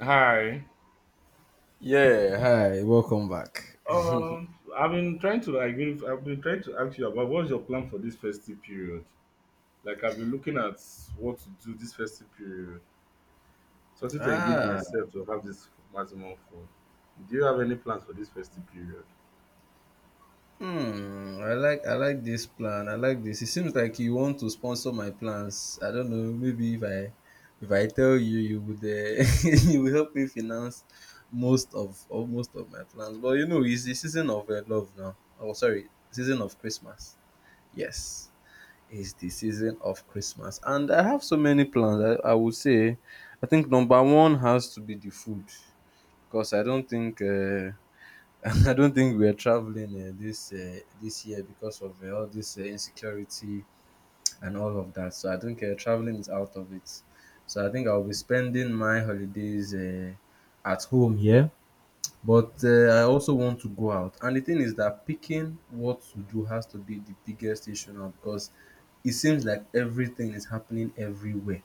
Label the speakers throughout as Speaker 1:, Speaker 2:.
Speaker 1: Hi.
Speaker 2: Yeah, hi, welcome back.
Speaker 1: I've been trying to like, really- I've been trying to ask you about what's your plan for this festive period. Like, I've been looking at what to do this festive period, something to engage
Speaker 2: Ah,
Speaker 1: myself to have this maximum fun. Do you have any plans for this festive period?
Speaker 2: I like this plan. I like this. It seems like you want to sponsor my plans. I don't know. Maybe if I tell you, you would you will help me finance most of my plans. But you know, it's the season of love now. Oh, sorry, season of Christmas. Yes, it's the season of Christmas, and I have so many plans. I would say, I think number one has to be the food because I don't think. I don't think we're traveling this year because of all this insecurity and all of that. So I think traveling is out of it. So I think I'll be spending my holidays at home here. But I also want to go out. And the thing is that picking what to do has to be the biggest issue now because it seems like everything is happening everywhere.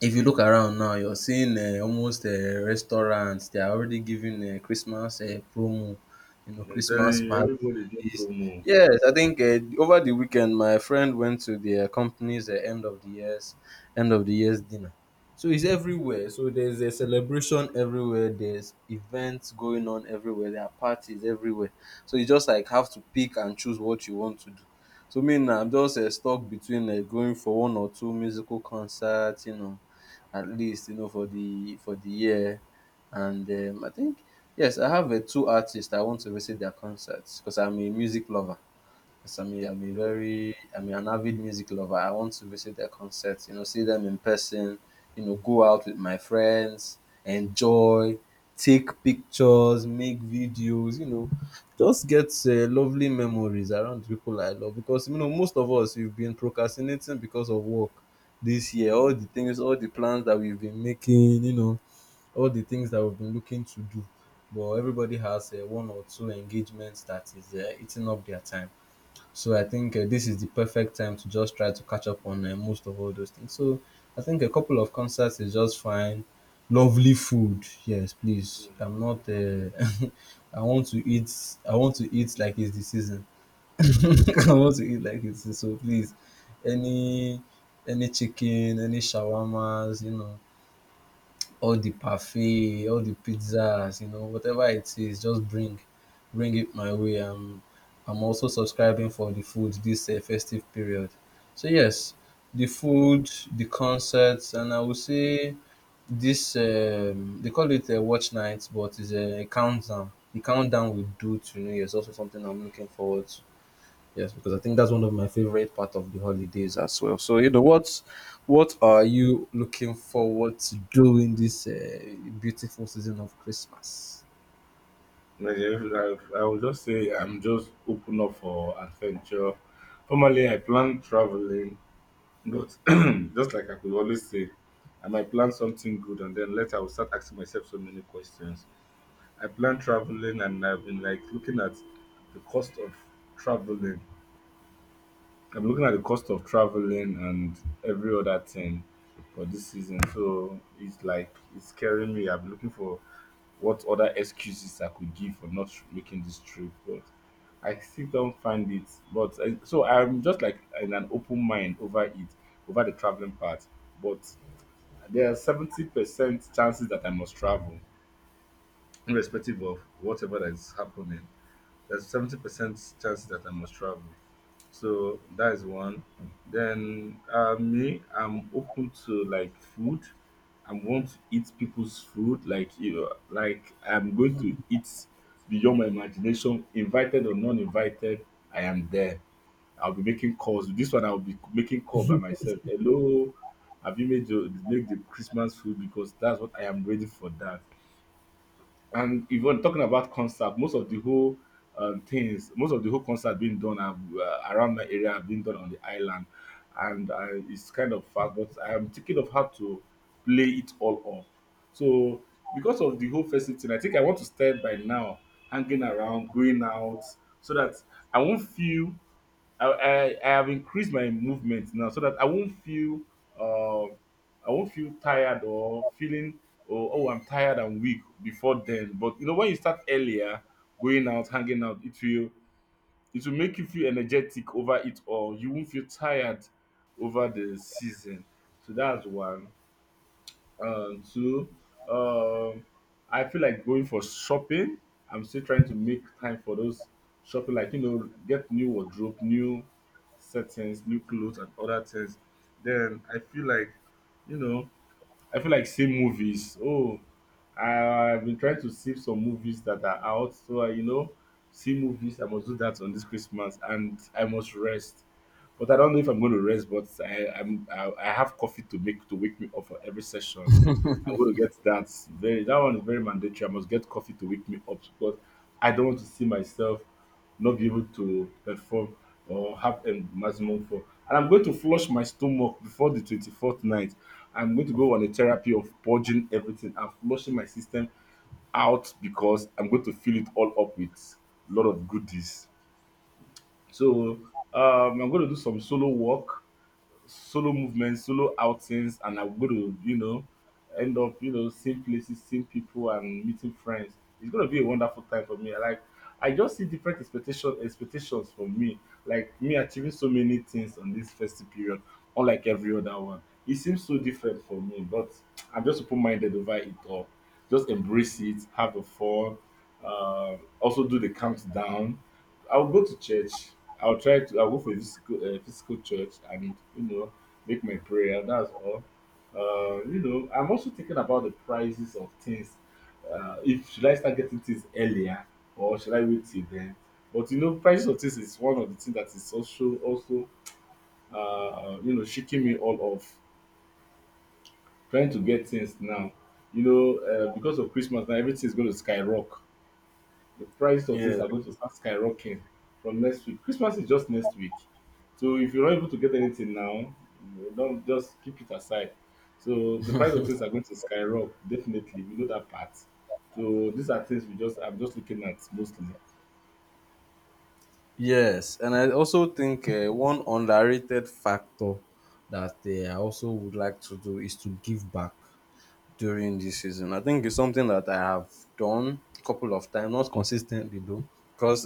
Speaker 2: If you look around now, you're seeing almost restaurants. They are already giving Christmas promo, you know,
Speaker 1: I'm
Speaker 2: Christmas
Speaker 1: telling you, everybody not
Speaker 2: parties.
Speaker 1: promo.
Speaker 2: Yes, I think over the weekend, my friend went to their company's end of the year's dinner. So it's everywhere. So there's a celebration everywhere. There's events going on everywhere. There are parties everywhere. So you just like have to pick and choose what you want to do. So me now, I'm just stuck between going for one or two musical concerts, you know, at least you know for the year. And I think yes, I have two artists I want to visit their concerts because I'm a music lover. Yes, I mean, I'm a
Speaker 1: No,
Speaker 2: very, I'm an avid music lover. I want to visit their concerts, you know, see them in person, you know, go out with my friends, enjoy, take pictures, make videos, you know, just get lovely memories around the people I love. Because, you know, most of us, we've been procrastinating because of work this year. All
Speaker 1: no,
Speaker 2: the things, all the plans that we've been making, you know, all the things that we've been looking to do. But everybody has one or two engagements that is eating up their time. So I think this is the perfect time to just try to catch up on most of all those things. So I think a couple of concerts is just fine. Lovely food, yes,
Speaker 1: no.
Speaker 2: please. I'm not. I want to eat. I want to eat like it's the season. I want to eat like it's so. Please, any any chicken, any shawarmas, you know, all the parfait, all the pizzas, you know, whatever it is, just bring it my way. I'm also subscribing for the food this festive period. So yes, the food, the concerts, and I would say this they call it a watch night, but it's a countdown. The countdown we do to New Year is also something I'm looking forward to. Yes, because I think that's one of my favorite part of the holidays as well. So you know what are you looking forward to doing this beautiful season of Christmas?
Speaker 1: Like, if- I would just say I'm just open up for adventure. Formerly, I plan traveling. But just like I could always say, I might plan something good and then later I will start asking myself so many questions. I plan traveling and I've been like looking at the cost of traveling. I'm looking at the cost of traveling and every other thing for this season. So it's like it's scaring me. I'm looking for what other excuses I could give for not making this trip, but I still don't find it. But I, so I'm just like in an open mind over it, over the traveling part. But there are 70% chances that I must travel, irrespective of whatever that is happening. There's 70% chances that I must travel. So that's one. Then me, I'm open to like food. I want to eat people's food. Like you know, like I'm going to eat beyond my imagination, invited or non-invited. I am there. I'll be making calls. This one I'll be making call by myself. Hello, have you made the make the Christmas food, because that's what I am ready for that. And if we're talking about concert, most of the whole things, most of the whole concert being done have, around my area, have been done on the island, and it's kind of far, but I'm thinking of how to play it all up. So because of the whole festive thing, I think I want to start by now hanging around, going out, so that I won't feel. I have increased my movement now so that um I won't feel tired or feeling, oh, I'm tired and weak before then. But you know, when you start earlier going out, hanging out, it will, it will make you feel energetic over it all. You won't feel tired over the season. So that's one. Two, um, I feel like going for shopping. I'm still trying to make time for those shopping, like you know, get new wardrobe, new settings, new clothes, and other things. Then I feel like, you know, I feel like same movies. Oh, I've been trying to save some movies that are out. So, I, you know, see movies. I must do that on this Christmas, and I must rest. But I don't know if I'm going to rest. But I have coffee to make to wake me up for every session. I'm going to get that. Very, that one is very mandatory. I must get coffee to wake me up because I don't want to see myself not be able to perform or have a maximum for. And I'm going to flush my stomach before the 24th night. I'm going to go on a therapy of purging everything and flushing my system out because I'm going to fill it all up with a lot of goodies. So I'm going to do some solo work, solo movements, solo outings, and I'm going to, you know, end up, you know, same places, same people, and meeting friends. It's going to be a wonderful time for me. Like, I just see different expectations from me, like me achieving so many things on this festive period, unlike every other one. It seems so different for me, but I'm just open-minded over it all. Just embrace it, have the fun, also do the countdown. I'll go to church. I'll try to. I'll go for a physical, physical church and you know make my prayer. That's all. You know, I'm also thinking about the prices of things. If should I start getting things earlier or should I wait till then? But you know, prices of things is one of the things that is also you know shaking me all off. Trying to get things now, you know, because of Christmas now, everything is going to skyrocket, the price of things
Speaker 2: Yeah.
Speaker 1: are going to start skyrocketing from next week. Christmas is just next week. So if you're not able to get anything now, don't just keep it aside. So the price of things are going to skyrocket, definitely. We know that part. So these are things we just, I'm just looking at mostly.
Speaker 2: Yes, and I also think one underrated factor that I also would like to do is to give back during this season. I think it's something that I have done a couple of times, not consistently though, because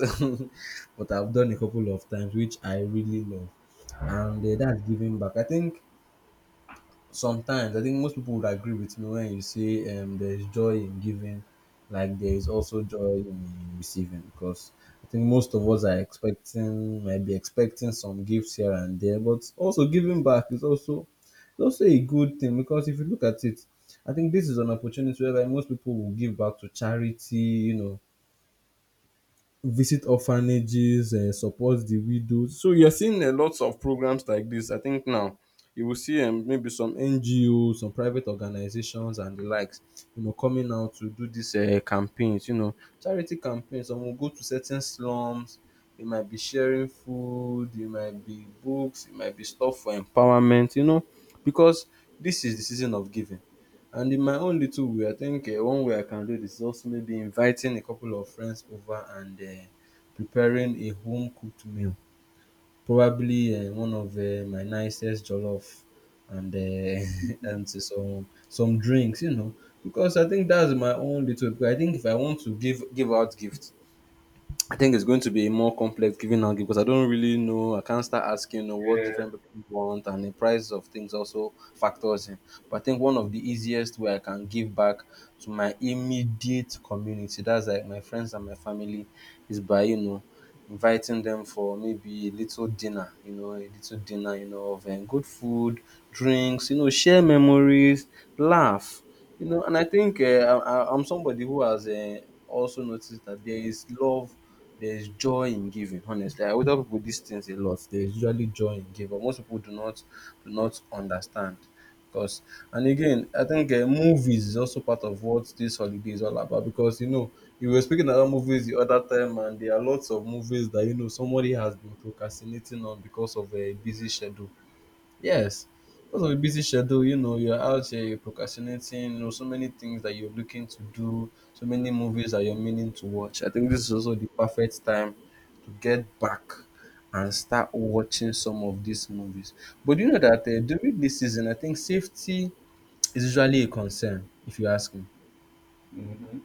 Speaker 2: but I've done a couple of times, which I really love, and that's giving back. I think sometimes I think most people would agree with me when you say there is joy in giving, like there is also joy in receiving. Because I think most of us are expecting, might be expecting some gifts here and there, but also giving back is also a good thing because if you look at it, I think this is an opportunity whereby most people will give back to charity, you know, visit orphanages and support the widows. So you're seeing a lot of programs like this. I think now you will see maybe some NGOs, some private organizations, and the likes, you know, coming out to do these campaigns. You know, charity campaigns. Some will go to certain slums. They might be sharing food. They might be books. It might be stuff for empowerment. You know, because this is the season of giving. And in my own little way, I think one way I can do this is also maybe inviting a couple of friends over and preparing a home cooked meal. Probably one of my nicest jollof and and some drinks, you know, because I think that's my own little. I think if I want to give out gifts, I think it's going to be a more complex giving and give because I don't really know. I can't start asking you know, what different people want, and the price of things also factors in. But I think one of the easiest way I can give back to my immediate community, that's like my friends and my family, is by you know inviting them for maybe a little dinner, you know, a little dinner, you know, of good food, drinks, you know, share memories, laugh, you know. And I think I'm somebody who has also noticed that there is love there's joy in giving. Honestly, I would tell people these things a lot. There's usually joy in giving, but most people do not understand, because. And again, I think movies is also part of what this holiday is all about because you know you were speaking about movies the other time, and there are lots of movies that you know somebody has been procrastinating on because of a busy schedule. Yes, because of a busy schedule, you know, you're out here, you're procrastinating, you know, so many things that you're looking to do, so many movies that you're meaning to watch. I think this is also the perfect time to get back and start watching some of these movies. But you know that during this season, I think safety is usually a concern, if you ask me.
Speaker 1: Mm-hmm.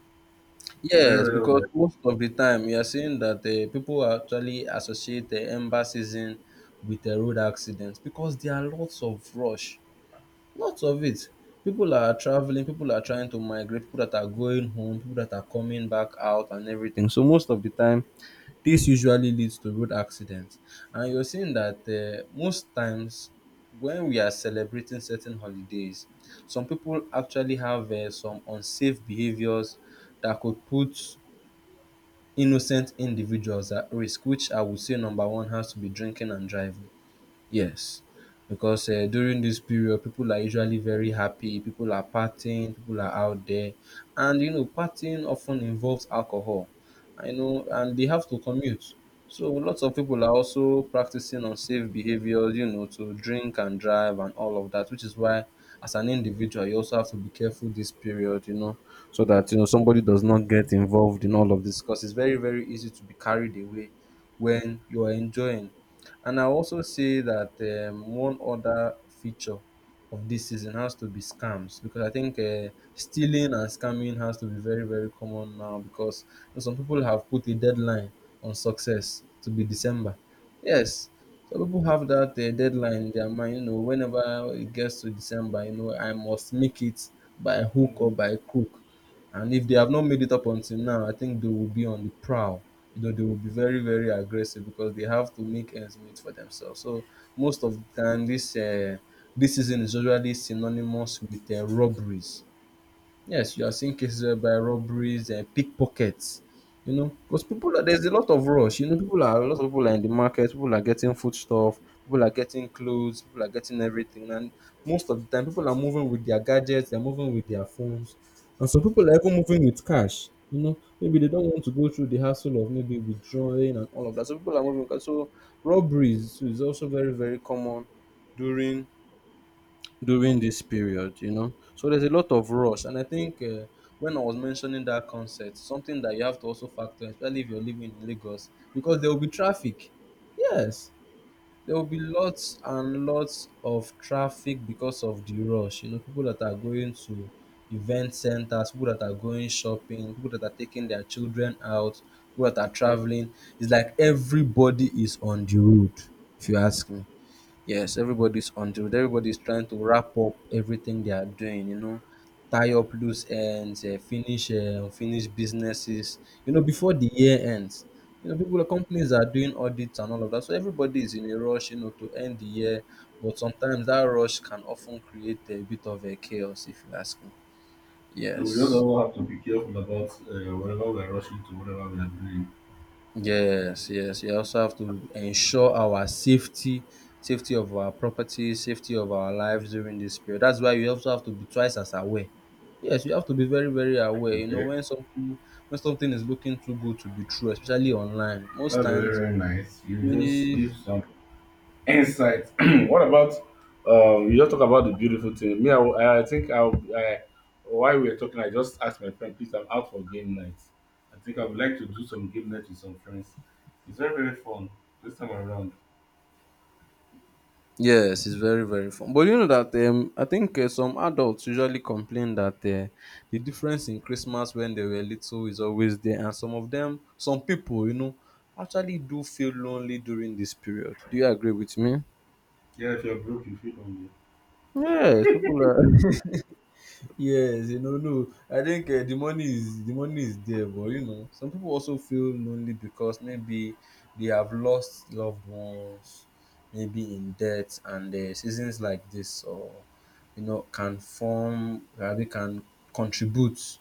Speaker 1: Very,
Speaker 2: Yes,
Speaker 1: very
Speaker 2: because
Speaker 1: good.
Speaker 2: most of the time you are seeing that people actually associate the ember season with a road accident because there are lots of rush. Lots of it. People are traveling, people are trying to migrate, people that are going home, people that are coming back out and everything. So most of the time, this usually leads to road accidents. And you're seeing that most times when we are celebrating certain holidays, some people actually have some unsafe behaviors that could put innocent individuals at risk, which I would say number one has to be drinking and driving. Yes, because during this period, people are usually very happy. People are partying. People are out there, and you know, partying often involves alcohol. I know, and they have to commute. So lots of people are also practicing unsafe behaviors. You know, to drink and drive and all of that, which is why, as an individual, you also have to be careful this period. You know, so that you know somebody does not get involved in all of this, because it's very very easy to be carried away when you are enjoying. And I also say that one other feature of this season has to be scams because I think stealing and scamming has to be very, very common now because you know, some people have put a deadline on success to be December. Yes, some people have that deadline in their mind. You know, whenever it gets to December, you know, I must make it by hook or
Speaker 1: Mm.
Speaker 2: by crook. And if they have not made it up until now, I think they will be on the prowl. You know, they will be very, very aggressive because they have to make ends meet for themselves. So most of the time, this season is usually synonymous with robberies. Yes, you are seeing cases by robberies and pickpockets, you know, because there's a lot of rush. You know, people are a lot of people are in the market. People are getting foodstuff. People are getting clothes. People are getting everything. And most of the time, people are moving with their gadgets. They're moving with their phones. And some people are even moving with cash. You know, maybe they don't want to go through the hassle of maybe withdrawing and all of that. So people are moving with cash. So robberies is also very very common during during this period, you know. So there's a lot of rush, and I think when I was mentioning that concept, something that you have to also factor, especially if you're living in Lagos, because there will be traffic. Yes, there will be lots and lots of traffic because of the rush. You know, people that are going to event centers, people that are going shopping, people that are taking their children out, people that are traveling. It's like everybody is on the road, if you ask me. Yes, everybody's on to it. Everybody's trying to wrap up everything they are doing, you know, tie up loose ends, finish unfinished businesses, you know, before the year ends. You know, people, companies are doing audits and all of that. So everybody is in a rush, you know, to end the year. But sometimes that rush can often create a bit of a chaos, if you ask me.
Speaker 1: So we just
Speaker 2: Yes.
Speaker 1: all have to be careful about whatever we are rushing to, whatever we are doing.
Speaker 2: Yes, yes, you also have to ensure our safety, safety of our property, safety of our lives during this period. That's why you also have to be twice as aware. Yes, you have to be very, very aware. You know,
Speaker 1: Okay,
Speaker 2: when something is looking too good to be true, especially online, most
Speaker 1: that's very,
Speaker 2: times
Speaker 1: very nice. You just
Speaker 2: is.
Speaker 1: give some insight. What about you just talk about the beautiful thing? Me, I, will- I think I'll, I while we were talking, I just asked my friend, please, I'm out for game night. I think I would like to do some game night with some friends. It's very, very fun this time around.
Speaker 2: Yes, it's very very fun. But you know that I think some adults usually complain that the difference in Christmas when they were little is always there, and some of them, some people, you know, actually do feel lonely during this period. Do you agree with me?
Speaker 1: Yeah, if you're broke, you feel lonely.
Speaker 2: Yes, people are. Yes, you know, no, I think the money is there, but you know, some people also feel lonely because maybe they have lost loved ones, maybe in debt, and seasons like this, or you know, can form, rather can contribute,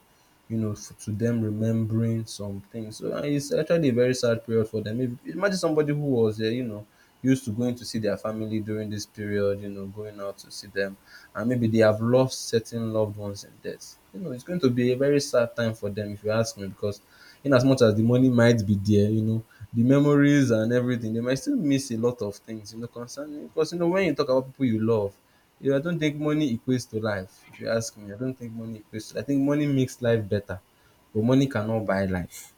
Speaker 2: you know, to them remembering some things. So it's actually a very sad period for them. If, imagine somebody who was, you know, used to going to see their family during this period, you know, going out to see them and maybe they have lost certain loved ones in death. You know, it's going to be a very sad time for them, if you ask me, because in as much as the money might be there, you know, the memories and everything, they might still miss a lot of things, you know, concerning because you know when you talk about people you love, you know, I don't think money equates to life. If you ask me, I don't think money equates. To, I think money makes life better, but money cannot buy life.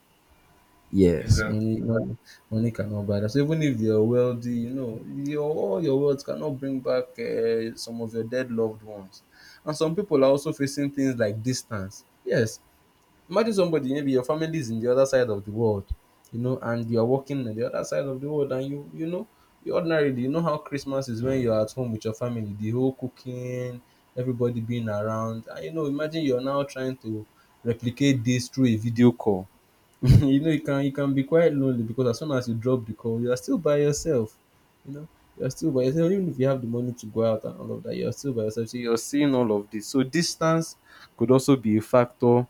Speaker 1: Yes,
Speaker 2: Yes,
Speaker 1: sir.
Speaker 2: money cannot buy that. So even if you're wealthy, you know, your all your wealth cannot bring back some of your dead loved ones. And some people are also facing things like distance. Yes, imagine somebody, maybe your family is in the other side of the world, you know, and you're working in the other side of the world, and you know, you ordinarily you know how Christmas is when you're at home with your family, the whole cooking, everybody being around, and you know, imagine you're now trying to replicate this through a video call. You know, it can be quite lonely because as soon as you drop the call, you are still by yourself. You know, you are still by yourself. Even if you have the money to go out and all of that, you are still by yourself. So you're seeing all of this. So distance could also be a factor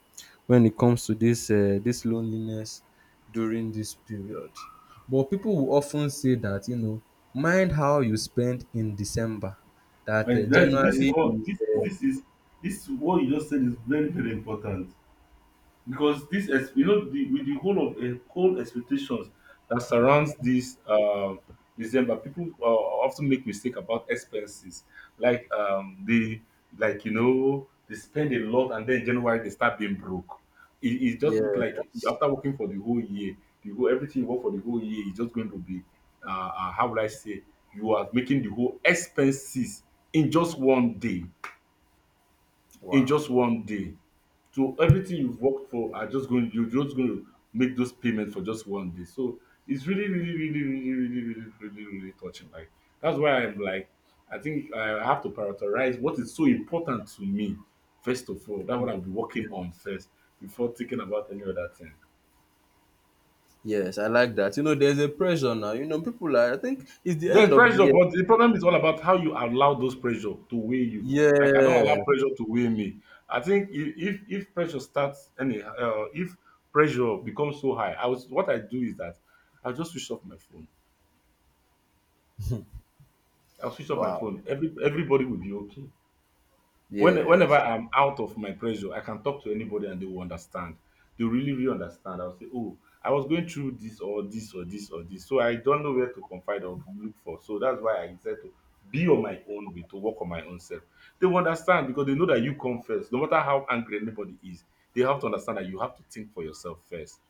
Speaker 2: when it comes to this loneliness during this period. But people will often say that you know, mind how you spend in December. That
Speaker 1: And that's, this is
Speaker 2: January
Speaker 1: what,
Speaker 2: is
Speaker 1: this is this is what you just said is very, very important. Because this ex- you know the with the whole of whole expectations that surrounds this December, people often make mistake about expenses. Like they, like you know, they spend a lot and then January they start being broke. It just look like
Speaker 2: yeah.
Speaker 1: after working for the whole year, the whole everything you work for the whole year is just going to be, uh, how would I say, you are making the whole expenses in just one day, in
Speaker 2: Wow.
Speaker 1: just one day. So everything you've worked for are just going, you're just going to make those payments for just one day. So it's really, really, really, really, really, really, really, really touching. Like that's why I'm like, I think I have to prioritize what is so important to me first of all. That's what I'll be working on
Speaker 2: Yes.
Speaker 1: first before thinking about any other thing.
Speaker 2: Yes, I like that. You know, there's a pressure now. You know, people are, I think it's the end
Speaker 1: There's
Speaker 2: of the
Speaker 1: pressure,
Speaker 2: year.
Speaker 1: but the problem is all about how you allow those pressure to weigh you. Like I don't
Speaker 2: Yeah.
Speaker 1: allow pressure to weigh me. I think I- if pressure starts any if pressure becomes so high, I was what I do is that I'll just switch off my phone. I'll switch off my
Speaker 2: Wow.
Speaker 1: phone. Everybody will be okay. When
Speaker 2: Yes.
Speaker 1: whenever I'm out of my pressure, I can talk to anybody and they will understand. They will really, really understand. I'll say, oh, I was going through this or this or this or this. So I don't know where to confide or look for. So that's why I said to be on my own way, to work on my own self. They will understand because they know that you come first. No matter how angry anybody is, they have to understand that you have to think for yourself first.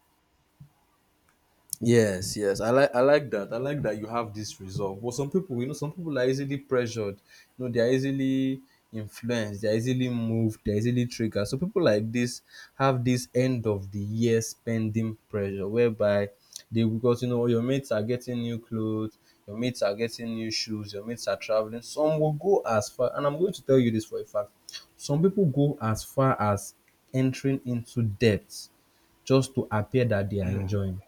Speaker 2: Yes, yes. I like that. I like that you have this resolve. But some people, you know, some people are easily pressured. You know, they are easily influenced, they are easily moved, they are easily triggered. So people like this have this end of the year spending pressure whereby they, because you know your mates are getting new clothes, your mates are getting new shoes, your mates are traveling. Some will go as far, and I'm going to tell you this for a fact. Some people go as far as entering into debt just to appear that they are enjoying.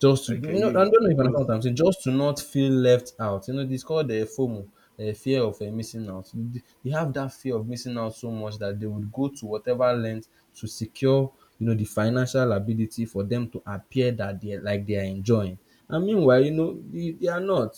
Speaker 2: Just to,
Speaker 1: Like, can
Speaker 2: no, I don't
Speaker 1: you
Speaker 2: know if you understand what
Speaker 1: just,
Speaker 2: I'm saying. Just to not feel left out. You know, it's called the FOMO, the fear of missing out. They have that fear of missing out so much that they would go to whatever length to secure, you know, the financial ability for them to appear that they like they are enjoying. And meanwhile, you know, they are not.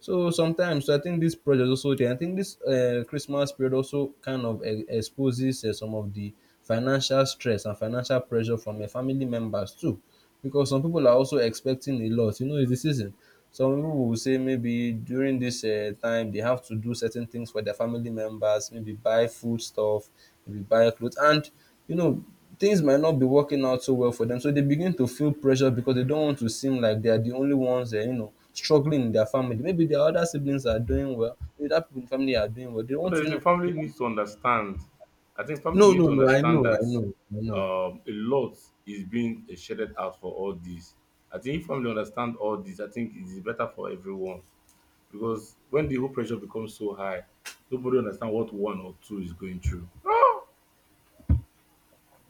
Speaker 2: So sometimes, so I think this project also there. I think this Christmas period also kind of exposes some of the financial stress and financial pressure from family members too, because some people are also expecting a lot. You know, it's the season. Some people will say maybe during this time they have to do certain things for their family members, maybe buy food stuff, maybe buy clothes, and you know things might not be working out so well for them. So they begin to feel pressure because they don't want to seem like they are the only ones. You know, struggling in their family. Maybe their other siblings are doing well. Maybe that people in the family are doing well. They want to, you
Speaker 1: honestly,
Speaker 2: know. They
Speaker 1: family
Speaker 2: want,
Speaker 1: needs to understand. I think family
Speaker 2: no,
Speaker 1: needs
Speaker 2: no,
Speaker 1: to
Speaker 2: no.
Speaker 1: understand that
Speaker 2: I know.
Speaker 1: a lot is being shaded out for all this. I think if family understand all this, I think it is better for everyone, because when the whole pressure becomes so high, nobody understand what one or two is going through.